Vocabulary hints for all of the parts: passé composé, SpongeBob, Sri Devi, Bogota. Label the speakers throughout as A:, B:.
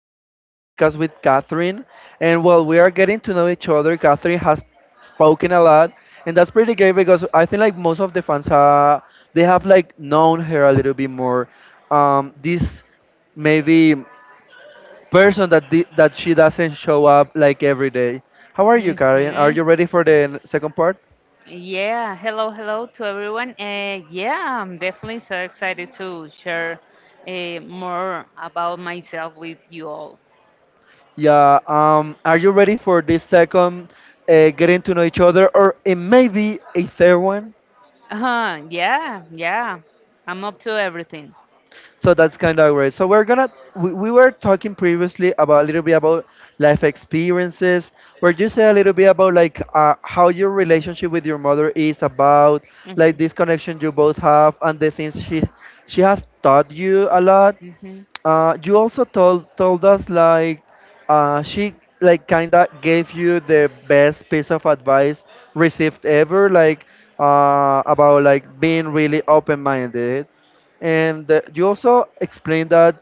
A: second podcast with Catherine. And while we are getting to know each other, Catherine has spoken a lot. And that's pretty great because I think like most of the fans they have like known her a little bit more. This maybe person that that she doesn't show up like every day. How are you, Karen? Are
B: Mm-hmm.
A: you ready for the second part?
B: Yeah. Hello, hello to everyone. Yeah, I'm definitely so excited to share more about myself with you all.
A: Yeah, are you ready for this second getting to know each other or it may be a third one?
B: Yeah, yeah. I'm up to everything.
A: So that's kind of great. So we were talking previously about a little bit about life experiences. Where you say a little bit about like how your relationship with your mother is about
B: Mm-hmm.
A: like this connection you both have and the things she has taught you a lot.
B: Hmm.
A: You also told us like she like kinda gave you the best piece of advice received ever, like about like being really open-minded, and you also explained that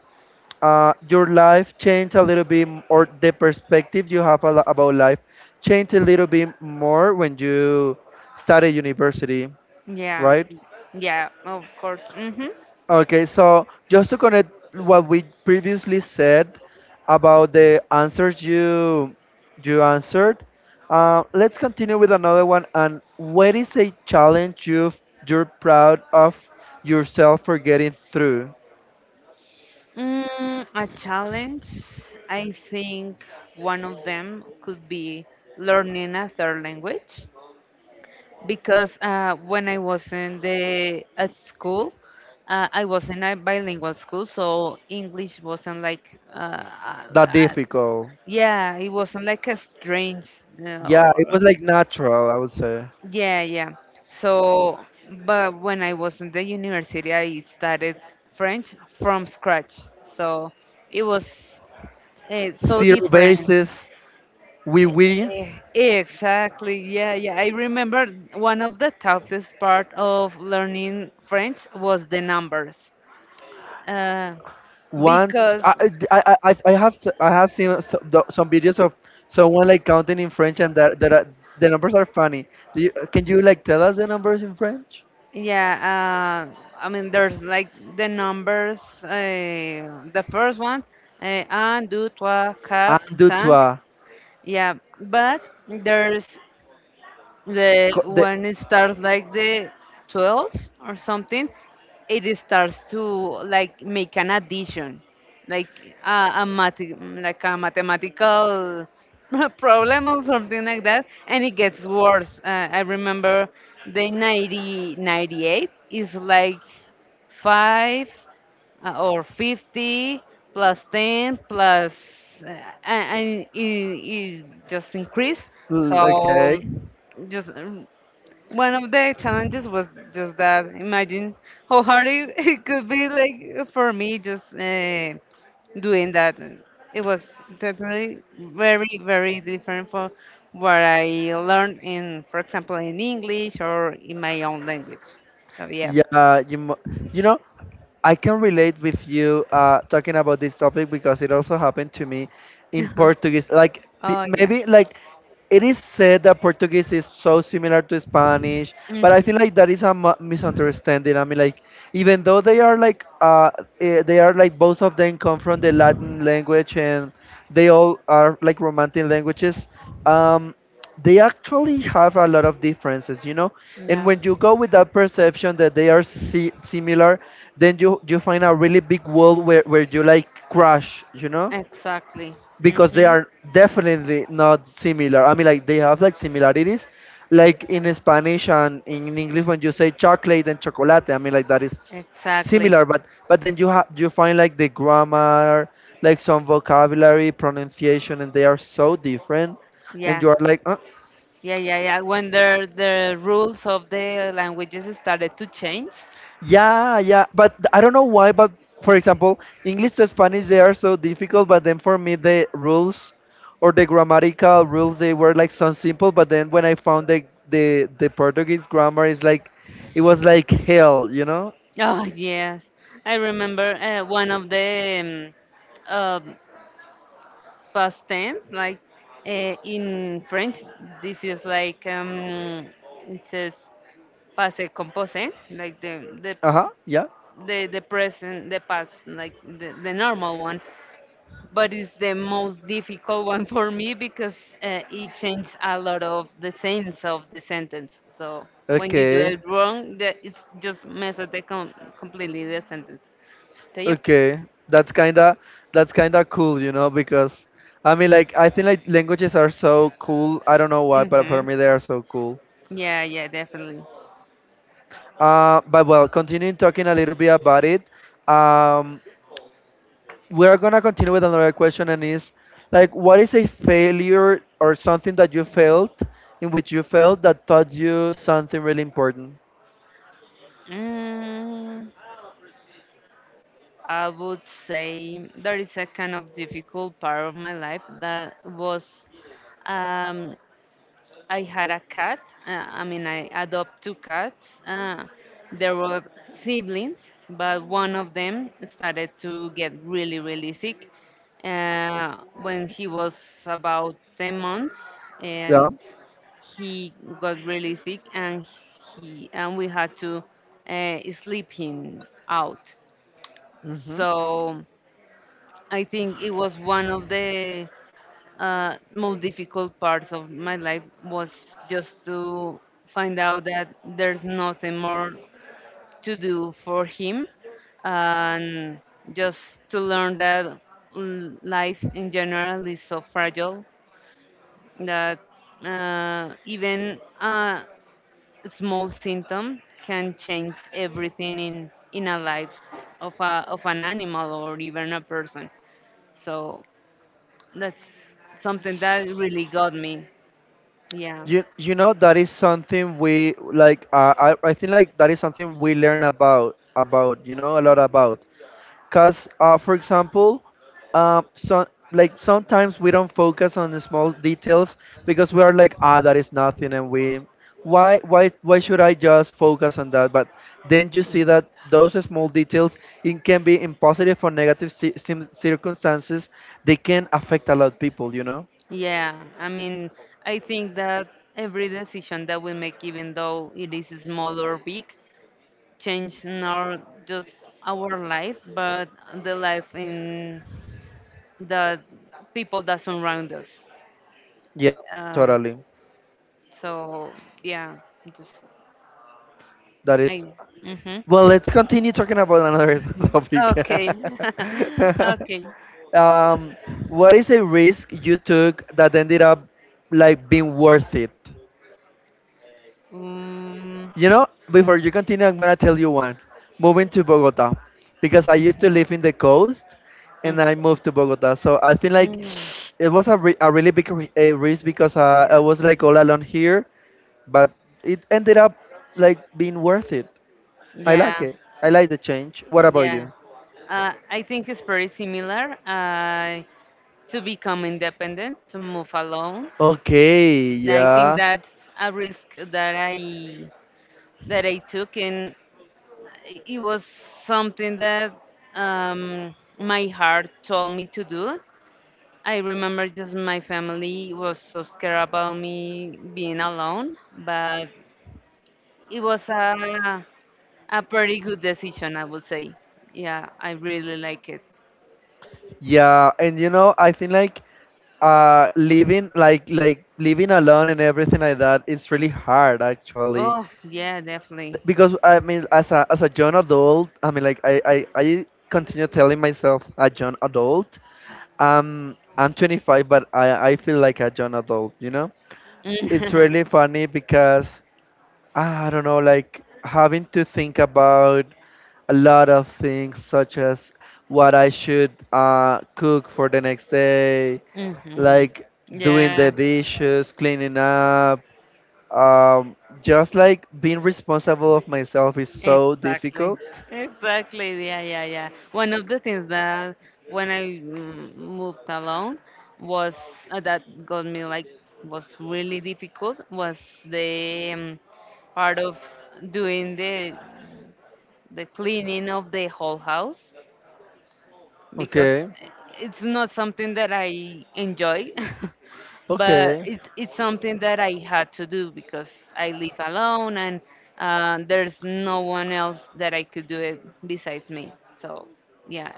A: your life changed a little bit, or the perspective you have a about life changed a little bit more when you started university,
B: Yeah,
A: right?
B: yeah, of course. Mm-hmm.
A: Okay, so just to connect what we previously said about the answers you answered, let's continue with another one. And what is a challenge you're proud of yourself for getting through?
B: Mm, a challenge. I think one of them could be learning a third language. Because when I was in the at school, I was in a bilingual school, so English wasn't like uh,
A: That
B: uh,
A: difficult.
B: yeah, it wasn't like a strange
A: Yeah, it
B: or
A: was like natural, I would say.
B: yeah, yeah. So, but when I was in the university, I started French from scratch, so it was so
A: Zero
B: different.
A: basis, we.
B: Exactly. Yeah, yeah. I remember one of the toughest part of learning French was the numbers. Uh,
A: One,
B: because
A: I have I have seen some videos of someone like counting in French, and that are, the numbers are funny. Can you like tell us the numbers in French?
B: yeah, I mean there's like the numbers. The first one, un, deux, trois,
A: Un,
B: quatre,
A: deux,
B: cinq.
A: trois.
B: Yeah, but there's The
A: Co- the-
B: when it starts like the 12 or something, it starts to like make an addition, like a mathematical problem or something like that, and it gets worse. I remember the 90, 98 is like five or 50 plus 10 plus uh, and it just increased. So,
A: Okay.
B: just one of the challenges was just that, imagine how hard it, it could be like for me, just doing that. It was definitely very, very different from what I learned in, for example, in English or in my own language. So yeah.
A: Yeah, you mu- you know, I can relate with you talking about this topic because it also happened to me in Portuguese. Like
B: Oh yeah.
A: maybe like it is said that Portuguese is so similar to Spanish, but I
B: Mm-hmm.
A: feel like that is a misunderstanding. I mean, like even though they are like they are like both of them come from the Latin language and they all are like romantic languages. Um, they actually have a lot of differences, you know, and
B: Yeah,
A: when you go with that perception that they are similar, then you find a really big wall, where you like crash, you know,
B: exactly.
A: because they
B: Mm-hmm.
A: are definitely not similar. I mean, like they have like similarities, like in Spanish and in English, when you say chocolate and chocolate, I mean, like that is
B: Exactly.
A: similar, but then you have, you find like the grammar, like some vocabulary, pronunciation, and they are so different, and
B: Yeah,
A: you are like
B: yeah, yeah, yeah. When the rules of the languages started to change.
A: yeah, yeah, I don't know why. But for example, English to Spanish, they are so difficult. But then for me, the rules or the grammatical rules, they were like so simple. But then when I found the the Portuguese grammar is like, it was like hell, you know?
B: Oh yes, I remember one of the um, um, past tense, like in French, this is like it says passé composé, like the the
A: Uh huh. Yeah.
B: the the present, the past, like the normal one. But it's the most difficult one for me because it changes a lot of the sense of the sentence. So when you do
A: Okay.
B: it wrong, that it's just mess up the completely the sentence. So yep.
A: Okay. That's kinda, that's kinda cool, you know, because I mean, like I think like languages are so cool. I don't know why, but for
B: Hmm.
A: me they are so cool.
B: Yeah, yeah, definitely.
A: But well, continuing talking a little bit about it, um, we're gonna continue with another question, and is like, what is a failure or something that you felt in which you felt that taught you something really important?
B: Mm, I would say there is a kind of difficult part of my life that was um, I had a cat. I mean, I adopt two cats. They were siblings, but one of them started to get really, really sick. When he was about 10 months,
A: Yeah.
B: um, he got really sick, and he and we had to sleep him out.
A: hmm
B: So I think it was one of the most difficult parts of my life was just to find out that there's nothing more to do for him and just to learn that life in general is so fragile that even a small symptom can change everything in a life of a of an animal or even a person, so that's something that really got me. Yeah.
A: You know that is something we like. I think like that is something we learn about, you know, a lot about. Cause, for example, uh, so like sometimes we don't focus on the small details because we are like, ah, that is nothing, why should I just focus on that? But then you see
B: Mhm.
A: that those small details, it can be in positive or negative circumstances, they can affect a lot of people, you know?
B: Yeah. I mean, I think that every decision that we make, even though it is small or big, change not just our life, but the life in the people that surround us.
A: Yeah,
B: Uh,
A: totally.
B: so yeah, just
A: That is.
B: I. Hmm.
A: Well, let's continue talking about another topic.
B: Okay. Okay.
A: Um, what is a risk you took that ended up like being worth it?
B: Mm,
A: You know, before you continue, I'm gonna tell you one. Moving to Bogota, because I used to live in the coast, and I
B: mhm.
A: moved to Bogota. So I think like
B: Mm,
A: it was a, a really big a risk because I
B: yeah.
A: was like all alone here, but it ended up like being worth it. I like
B: Yeah.
A: it. I like the change. What about
B: Yeah,
A: you?
B: I think it's pretty similar. To become independent, to move alone.
A: Okay,
B: I think
A: yeah.
B: that's a risk that I took, and it was something that um, my heart told me to do. I remember just my family was so scared about me being alone, but it was a pretty good decision, I would say. Yeah, I really like it.
A: Yeah, and you know, I think like living like living alone and everything like that, it's really hard actually.
B: Oh, yeah, definitely.
A: Because I mean, as a young adult, I mean, like I continue telling myself a young adult, I'm 25, but I feel like a young adult, you know, it's really funny because ah, I don't know, like having to think about a lot of things, such as what I should cook for the next day,
B: Hmm.
A: like doing the
B: Yeah,
A: dishes, cleaning up. Um, just like being responsible of myself is so
B: exactly.
A: difficult.
B: Exactly. Yeah, yeah, yeah. One of the things that when I moved alone was that got me like was really difficult was the part of doing the cleaning of the whole house, because
A: Okay,
B: it's not something that I enjoy, but
A: okay,
B: it's something that I had to do because I live alone and there's no one else that I could do it besides me. So yeah,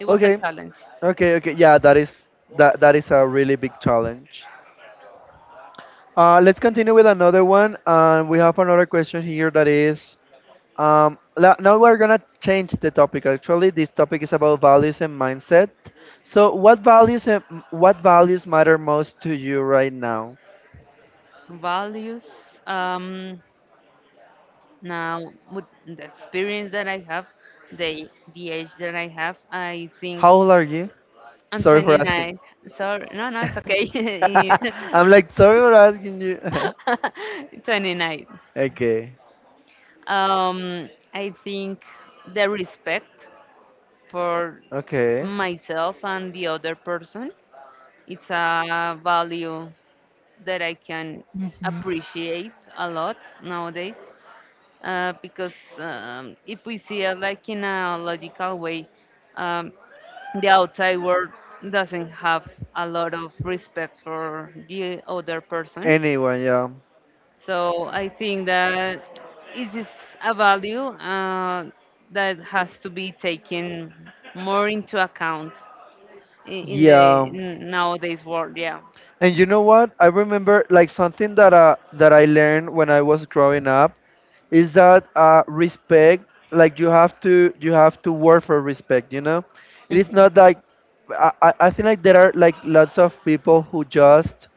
B: it was a
A: okay,
B: challenge.
A: okay. Yeah, that is, that is a really big challenge. Let's continue with another one. And we have another question here that is now we're gonna change the topic. Actually, this topic is about values and mindset. So, what values matter most to you right now?
B: Values. Um, now with the experience that I have, the age that I have, I think
A: How old are you?
B: I'm
A: Sorry for asking.
B: 29. Sorry, no, no, it's okay.
A: I'm like sorry for asking you.
B: 29.
A: okay,
B: I think the respect for
A: okay.
B: myself and the other person, it's a value that I can appreciate a lot nowadays. Because if we see it like in a logical way, um, the outside world doesn't have a lot of respect for the other person,
A: Anyway, yeah,
B: so I think that it is a value that has to be taken more into account in, the
A: yeah.
B: nowadays world. Yeah.
A: And you know what? I remember like something that that I learned when I was growing up, is that respect, like you have to work for respect, you know. It is
B: Mhm,
A: not like I think like there are like lots of people who just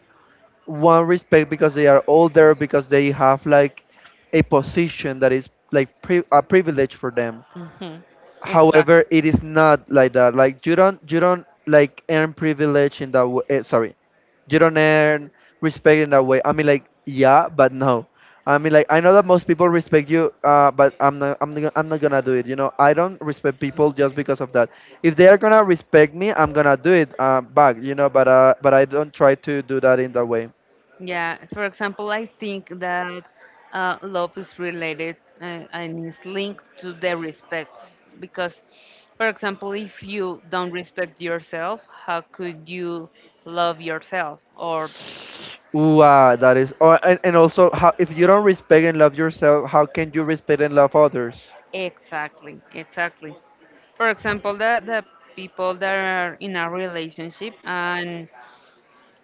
A: want respect because they are older, because they have like a position that is like a privilege for them.
B: mhm.
A: However,
B: Exactly.
A: it is not like that. Like you don't like earn privilege in that way. Eh, sorry, you don't earn respect in that way. I mean, like yeah, but no. I mean, like I know that most people respect you, but I'm not gonna do it. You know, I don't respect people just because of that. If they are gonna respect me, I'm gonna do it back. You know, but I don't try to do that in that way.
B: Yeah. For example, I think that love is related and is linked to the respect, because, for example, if you don't respect yourself, how could you love yourself? Or
A: Ooh, ah, that is. Oh, and also, how if you don't respect and love yourself, how can you respect and love others?
B: exactly, exactly. For example, the people that are in a relationship and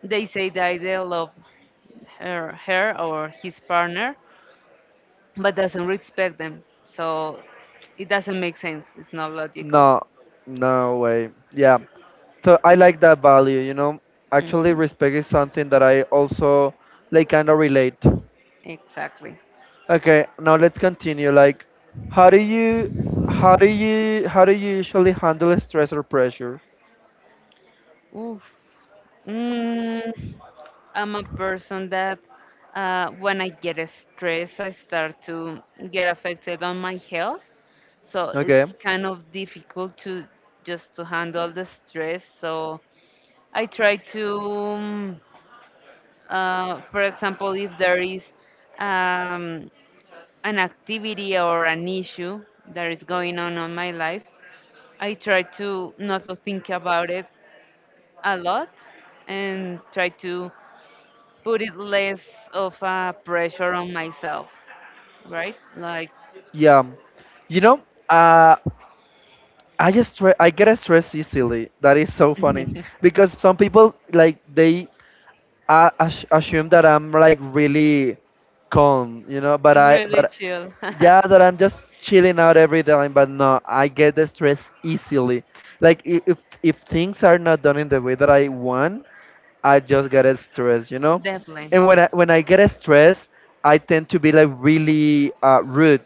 B: they say that they love her or his partner, but doesn't respect them. So it doesn't make sense. It's not logical.
A: No, no way. Yeah. So I like that value, you know. Actually,
B: Hmm.
A: respect is something that I also like kind of relate.
B: Exactly.
A: Okay, now let's continue. Like, how do you, how do you usually handle stress or pressure?
B: Oof. Mm, I'm a person that when I get stressed, I start to get affected on my health. So
A: Okay.
B: it's kind of difficult to just to handle the stress. So I try to, for example, if there is um, an activity or an issue that is going on my life, I try to not to think about it a lot and try to put it less of a pressure on myself, right? Like,
A: Yeah. You know, uh, I just I get stressed easily. That is so funny because some people like they assume that I'm like really calm, you know, but I,
B: really
A: but
B: chill.
A: yeah, that I'm just chilling out every time, but no, I get the stress easily. Like if things are not done in the way that I want, I just get stressed, you know.
B: Definitely.
A: And when I get stressed, I tend to be like really rude.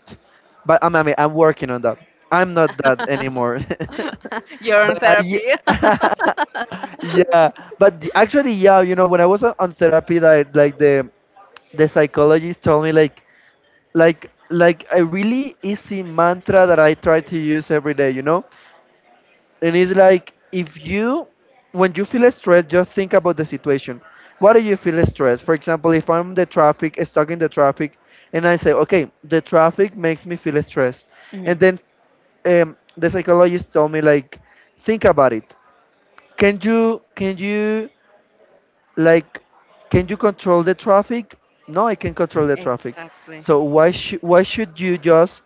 A: But I'm I mean, I'm working on that. I'm not that anymore.
B: You're on
A: but I
B: therapy.
A: yeah. But the, actually, yeah, you know, when I was on therapy, like the psychologist told me like like a really easy mantra that I try to use every day, you know, and it's like if you, when you feel stressed, just think about the situation. Why do you feel stressed? For example, if I'm the traffic, stuck in the traffic, and I say, okay, the traffic makes me feel stressed,
B: Mhm.
A: and then the psychologist told me like, think about it. Can you can you like can you control the traffic? No, I can control the traffic.
B: Exactly.
A: So why should you just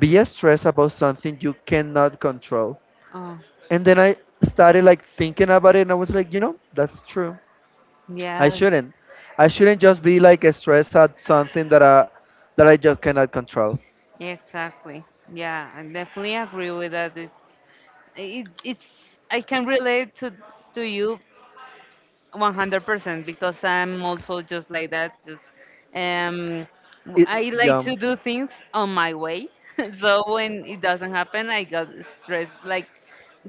A: be stressed about something you cannot control?
B: Oh,
A: And then I started like thinking about it, and I was like, you know, that's true. I
B: yeah,
A: shouldn't. I shouldn't just be like stressed at something that I just cannot control.
B: exactly. Yeah, I definitely agree with that. It's it's I can relate to you 100% because I'm also just like that. Just um,
A: It,
B: I like
A: yeah,
B: to do things on my way. so when it doesn't happen, I got stressed. Like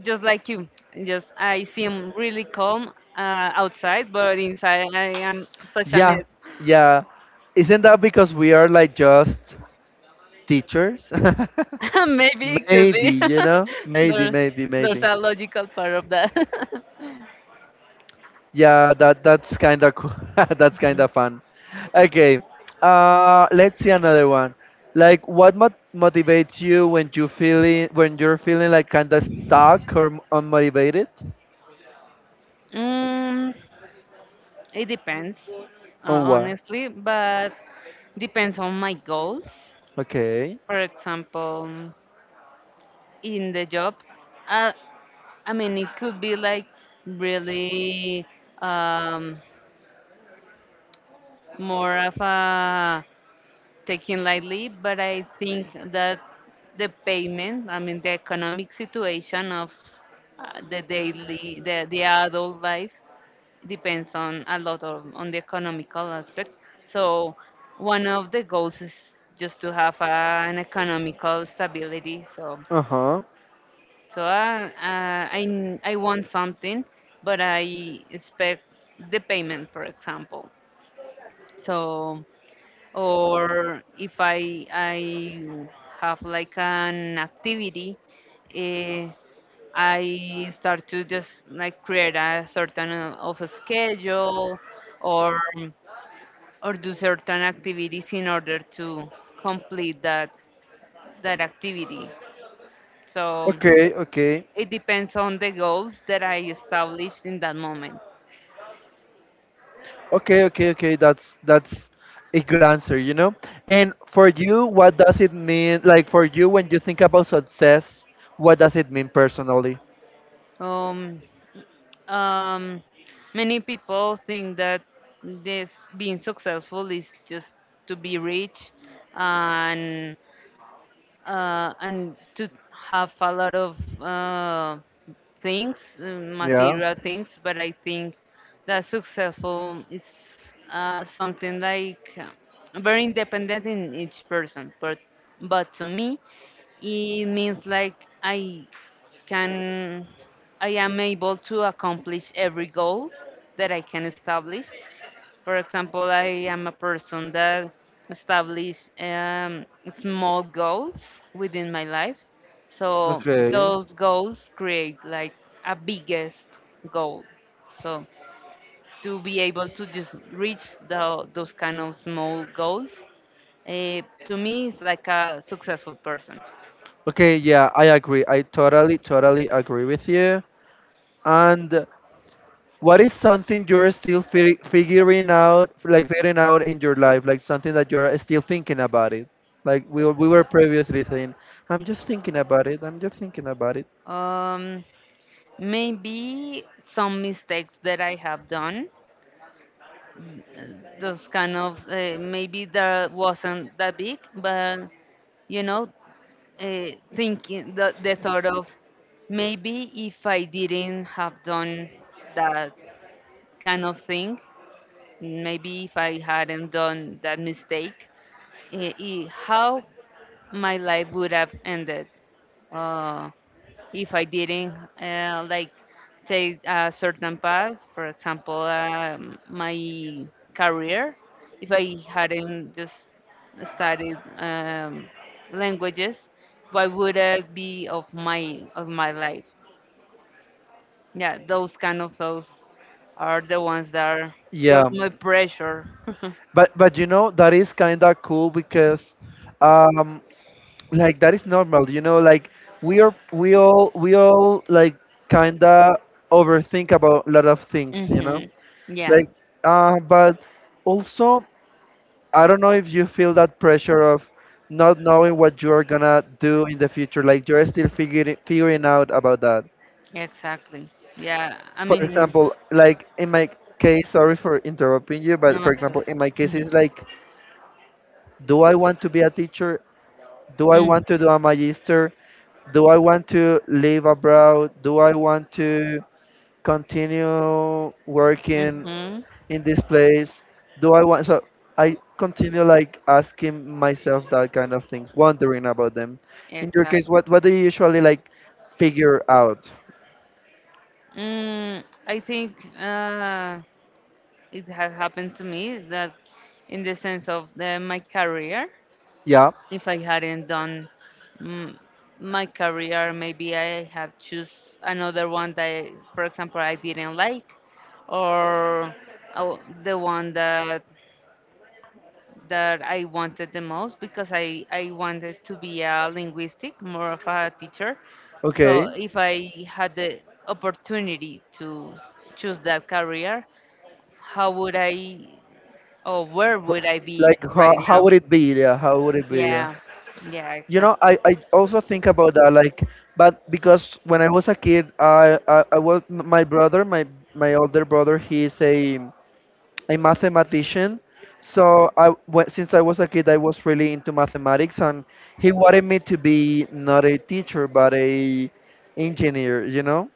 B: just like you, just I seem really calm outside, but inside I am such a
A: yeah,
B: mess.
A: yeah. Isn't that because we are like just teachers?
B: Maybe it could
A: maybe,
B: be.
A: you know,
B: there, there's
A: maybe.
B: a logical part of that.
A: Yeah, that's kind of cool. that's kind of fun. Okay, let's see another one. Like, what motivates you when you're feeling like kind of stuck or unmotivated?
B: Mm, it depends,
A: On what?
B: honestly, but depends on my goals.
A: Okay.
B: For example, in the job, uh, I mean, it could be like really um, more of a taking lightly, but I think that the payment, I mean, the economic situation of the daily, the adult life depends on a lot of on the economical aspect. So one of the goals is just to have an economical stability. So
A: Uh-huh.
B: I want something, but I expect the payment, for example. So or if I have like an activity, eh, I start to just like create a certain of a schedule or do certain activities in order to complete that activity. So
A: Okay, okay.
B: it depends on the goals that I established in that moment.
A: Okay, okay, okay. That's a good answer, you know? And for you, what does it mean? Like for you, when you think about success, what does it mean personally?
B: Um, um, many people think that this being successful is just to be rich and to have a lot of uh, things,
A: Yeah.
B: material things, but I think that successful is something like very independent in each person. But to me, it means like I can, I am able to accomplish every goal that I can establish. For example, I am a person that establish small goals within my life. So
A: Okay.
B: those goals create like a biggest goal. So to be able to just reach those kind of small goals, to me is like a successful person.
A: Okay, yeah, I agree. I totally, totally agree with you. And what is something you're still fi figuring out, like figuring out in your life, like something that you're still thinking about it? Like we were previously saying, I'm just thinking about it. I'm just thinking about it.
B: Um, maybe some mistakes that I have done, those kind of maybe that wasn't that big, but you know, uh, thinking the thought of maybe if I didn't have done that kind of thing, maybe if I hadn't done that mistake, how my life would have ended uh, if I didn't like take a certain path, for example, my career, if I hadn't just studied languages, what would I be of my life? Yeah, those kind of those are the ones that are,
A: Yeah,
B: got my pressure.
A: but you know that is kind of cool because, um, like that is normal. You know, like we all like kind of overthink about a lot of things. You know.
B: Hmm. Yeah,
A: Like, but also, I don't know if you feel that pressure of not knowing what you are gonna do in the future. Like, you're still figuring out about that.
B: exactly. Yeah, I
A: For
B: mean,
A: example, like in my case, sorry for interrupting you, but for
B: no,
A: example,
B: sorry.
A: in my case, it's like, do I want to be a teacher? Do I want to do a magister? Do I want to live abroad? Do I want to continue working
B: Mm-hmm.
A: in this place? Do I want? So I continue like asking myself that kind of things, wondering about them. In your case,
B: Exactly.
A: what do you usually like figure out?
B: Mm, I think it has happened to me that, in the sense of my career,
A: Yeah.
B: if I hadn't done mm, my career, maybe I have choose another one that, for example, I didn't like, or uh, the one that I wanted the most because I wanted to be a linguistic, more of a teacher. So
A: Okay.
B: if I had the opportunity to choose that career, how would I or where
A: Wh-
B: would I be
A: Like how
B: right
A: how
B: now?
A: would it be? Yeah. How would it be? Yeah.
B: Yeah, yeah,
A: You know,
B: exactly.
A: I also think about that, like, but because when I was a kid, I was my brother, my older brother, he's a mathematician. So since I was a kid, I was really into mathematics, and he wanted me to be not a teacher but a engineer. You know.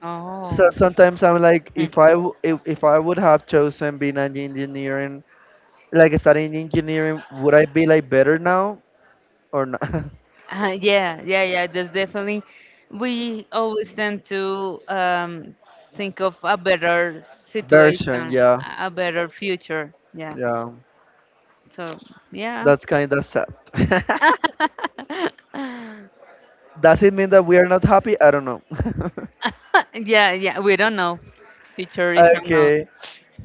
A: So
B: Oh,
A: sometimes I'm like,
B: mm.
A: if I would have chosen being an engineering, like studying engineering, would I be like better now or not?
B: Yeah, yeah, yeah. There's definitely we always tend to think of a better situation,
A: Version, yeah,
B: a better future. Yeah.
A: yeah.
B: So yeah.
A: That's kind of sad. Does it mean that we are not happy? I don't know.
B: Yeah, yeah, we don't know. Future is unknown.
A: Okay.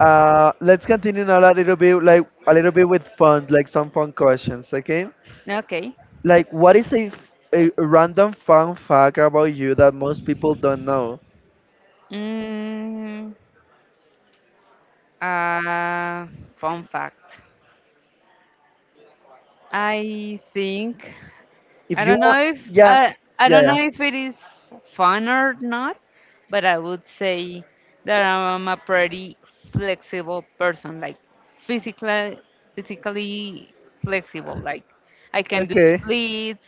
A: Let's continue now a little bit, like a little bit with fun, like some fun questions, okay?
B: Okay.
A: Like, what is a random fun fact about you that most people don't know?
B: Mm, uh, fun fact. I think.
A: If
B: I
A: you
B: don't
A: want,
B: know if
A: yeah,
B: I
A: yeah,
B: don't
A: yeah,
B: know if it is fun or not, but I would say that I'm a pretty flexible person, like physically, physically flexible. Like I can do
A: okay,
B: splits.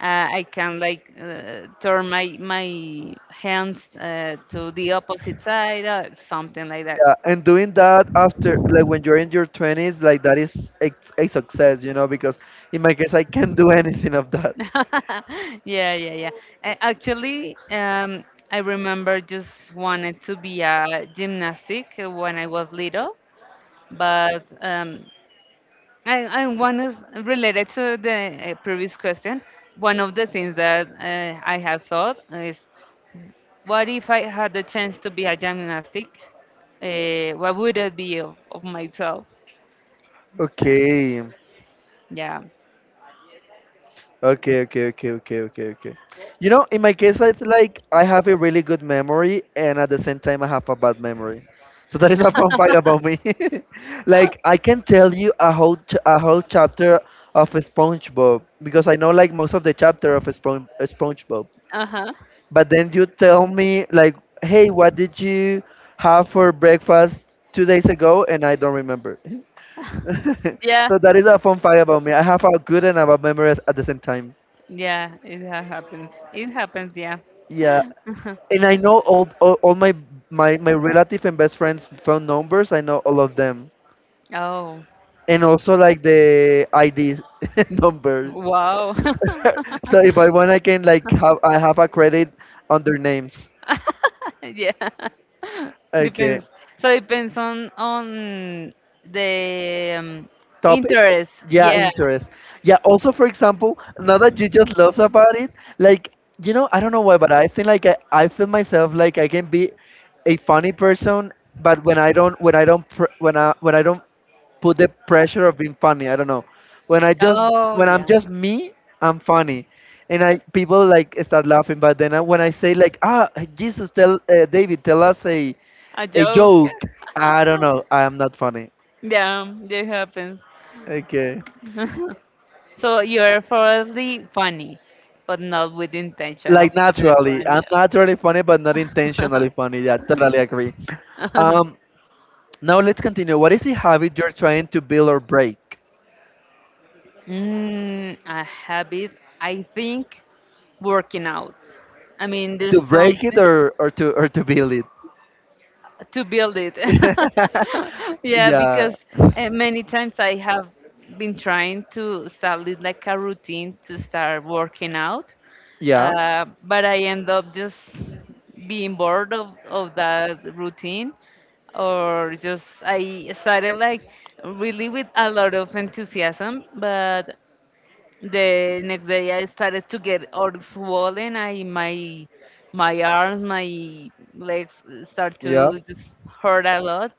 B: I can like turn my hands to the opposite side or something like
A: yeah.
B: that.
A: And doing that after, like, when you're in your twenties, like that is a success, you know? Because in my case, I can't do anything of that.
B: Yeah, yeah, yeah. Actually, I remember just wanted to be a gymnastic when I was little, but I one is related to the previous question. One of the things that I have thought is, what if I had the chance to be a gymnastic? What would it be of, myself? So,
A: Okay.
B: yeah.
A: Okay, okay, okay, okay, okay, okay. You know, in my case, it's like I have a really good memory, and at the same time, I have a bad memory. So that is a fun fact about me. like I can tell you a whole chapter of SpongeBob because I know like most of the chapter of SpongeBob.
B: Uh-huh.
A: But then you tell me like, hey, what did you have for breakfast 2 days ago? And I don't remember.
B: Yeah.
A: so that is a fun fact about me. I have a good and a bad memory at the same time.
B: Yeah, happens. It happens, yeah.
A: Yeah, and I know all my relative and best friends' phone numbers. I know all of them,
B: Oh,
A: and also like the ID numbers.
B: wow.
A: So if I want, I can like have I have a credit on their names.
B: Yeah.
A: Okay,
B: Depends. So depends on the
A: topics.
B: interest.
A: Yeah,
B: Yeah.
A: interest. Yeah. Also, for example, now that you just love about it, like you know, I don't know why, but I think like I feel myself like I can be a funny person, but when I don't when I don't put the pressure of being funny. I don't know. When I just
B: Oh,
A: when I'm
B: yeah.
A: just me, I'm funny, and I people like start laughing. But when I say like ah Jesus tell David tell us
B: A
A: a
B: joke.
A: joke, I don't know. I am not funny.
B: Yeah, that happens.
A: Okay.
B: So you're probably funny, but not with intention of
A: Like
B: to be
A: naturally,
B: funny.
A: I'm naturally funny, but not intentionally funny. Yeah, totally agree. Um, Now let's continue. What is a habit you're trying to build or break?
B: Mm, a habit, I think working out. I mean,
A: To
B: there's
A: break it,
B: something
A: or to build it?
B: to build it. Yeah,
A: yeah.
B: because many times I have been trying to establish like a routine to start working out,
A: Yeah.
B: but I end up just being bored of, that routine, or just I started like really with a lot of enthusiasm, but the next day I started to get all swollen. I my my arms, my legs start
A: Yeah.
B: to just hurt a lot,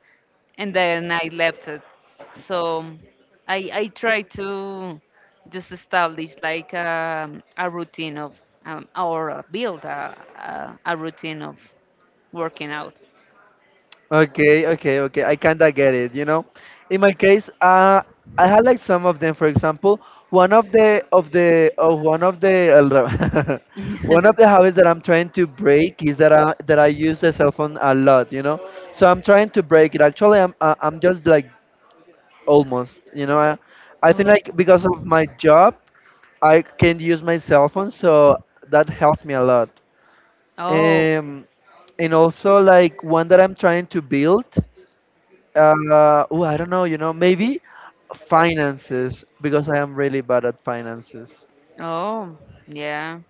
B: and then I left it. So I try to just establish like a routine of or build a routine of working out.
A: Okay, okay, okay. I kinda get it, you know. In my case, I had like some of them, for example, one of the one of the habits that I'm trying to break is that I use the cell phone a lot, you know. So I'm trying to break it. Actually, I'm just like almost, you know. I think
B: Oh,
A: like because of my job, I can't use my cell phone, so that helps me a lot.
B: oh,
A: Um, and also like one that I'm trying to build. Oh, I don't know, you know, maybe finances because I am really bad at finances.
B: oh, yeah,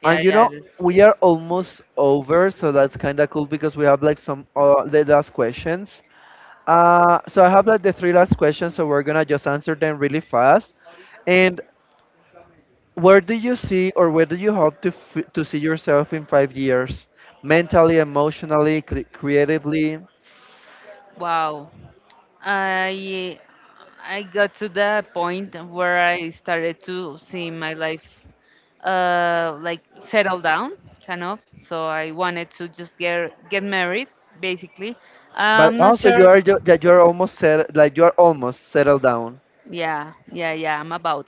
B: yeah,
A: And you
B: yeah.
A: know,
B: This,
A: we are almost over, so that's kind of cool because we have like some the last questions. So I have like the three last questions, so we're gonna just answer them really fast. And where do you see or where do you hope to to see yourself in 5 years, mentally, emotionally, creatively?
B: wow. I I got to the point where I started to see my life like settle down, kind of. So I wanted to just get married, basically.
A: But
B: I'm not
A: also, you
B: sure.
A: are that you are almost set, like you are almost settled down.
B: Yeah, yeah, yeah. I'm about,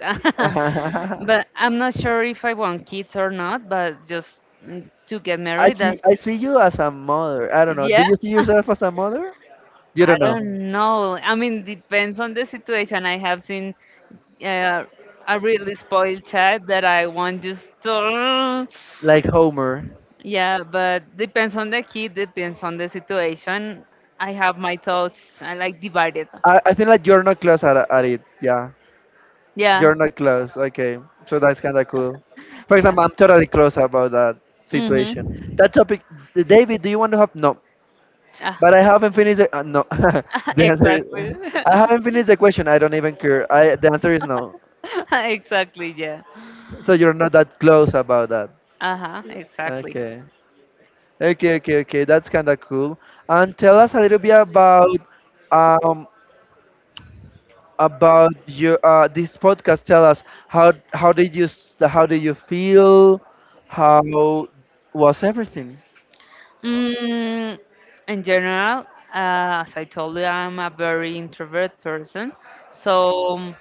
B: but I'm not sure if I want kids or not. But just to get
A: I
B: married,
A: see.
B: that's
A: I see you as a mother. I don't know. Do
B: yeah.
A: you see yourself as a mother? You
B: I
A: don't know.
B: don't know. I mean, depends on the situation. I have seen uh, a really spoiled child that I want just to.
A: Like Homer.
B: Yeah, but depends on the kid, depends on the situation. I have my thoughts. I like divided.
A: I think like you're not close at it. Yeah.
B: Yeah,
A: You're not close. Okay. So that's kind of cool. For
B: yeah.
A: example, I'm totally close about that situation.
B: Mhm.
A: That topic, David. Do you want to have no?
B: Ah,
A: But I haven't finished. No. the answer is
B: exactly.
A: I haven't finished the question. I don't even care. I The answer is no.
B: Exactly. Yeah.
A: So you're not that close about that.
B: Uh huh. Exactly.
A: Okay. Okay, okay, okay. That's kind of cool. And tell us a little bit um about your this podcast. Tell us how did you how did you feel? How was everything?
B: Mm, in general, as I told you, I'm a very introvert person. So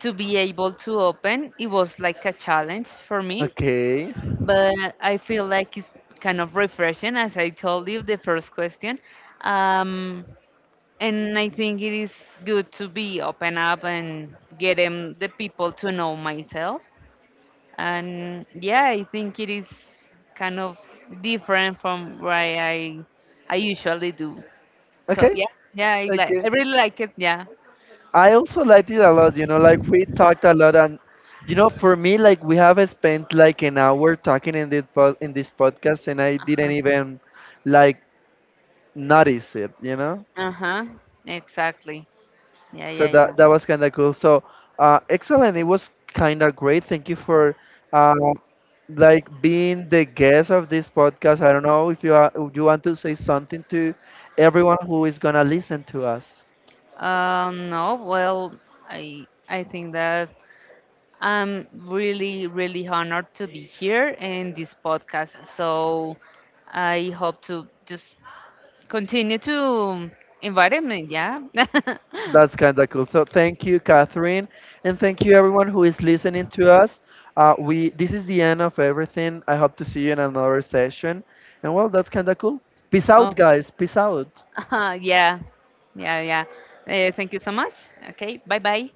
B: to be able to open, it was like a challenge for me.
A: Okay.
B: But I feel like it's kind of refreshing, as I told you, the first question. Um, and I think it is good to be open up and get 'em- the people to know myself, and yeah, I think it is kind of different from what I usually do, so
A: Okay.
B: yeah, yeah, I like, I
A: Okay.
B: really like it, yeah.
A: I also liked it a lot, you know, like we talked a lot and you know, for me like we have spent like an hour talking in this podcast and I didn't even like notice it, you know?
B: Huh, exactly, yeah,
A: So
B: yeah, yeah.
A: that was kind of cool. So, excellent. It was kind of great. Thank you for uh, like being the guest of this podcast. I don't know if you are, if you want to say something to everyone who is gonna listen to us.
B: No, well, I think that I'm really, really honored to be here in this podcast, so I hope to just continue to invite me, yeah.
A: That's kind of cool. So thank you, Catherine, and thank you everyone who is listening to us. We This is the end of everything. I hope to see you in another session. And well, that's kind of cool. Peace out,
B: Oh.
A: guys. Peace out.
B: Yeah, yeah, yeah. Thank you so much. Okay, bye bye.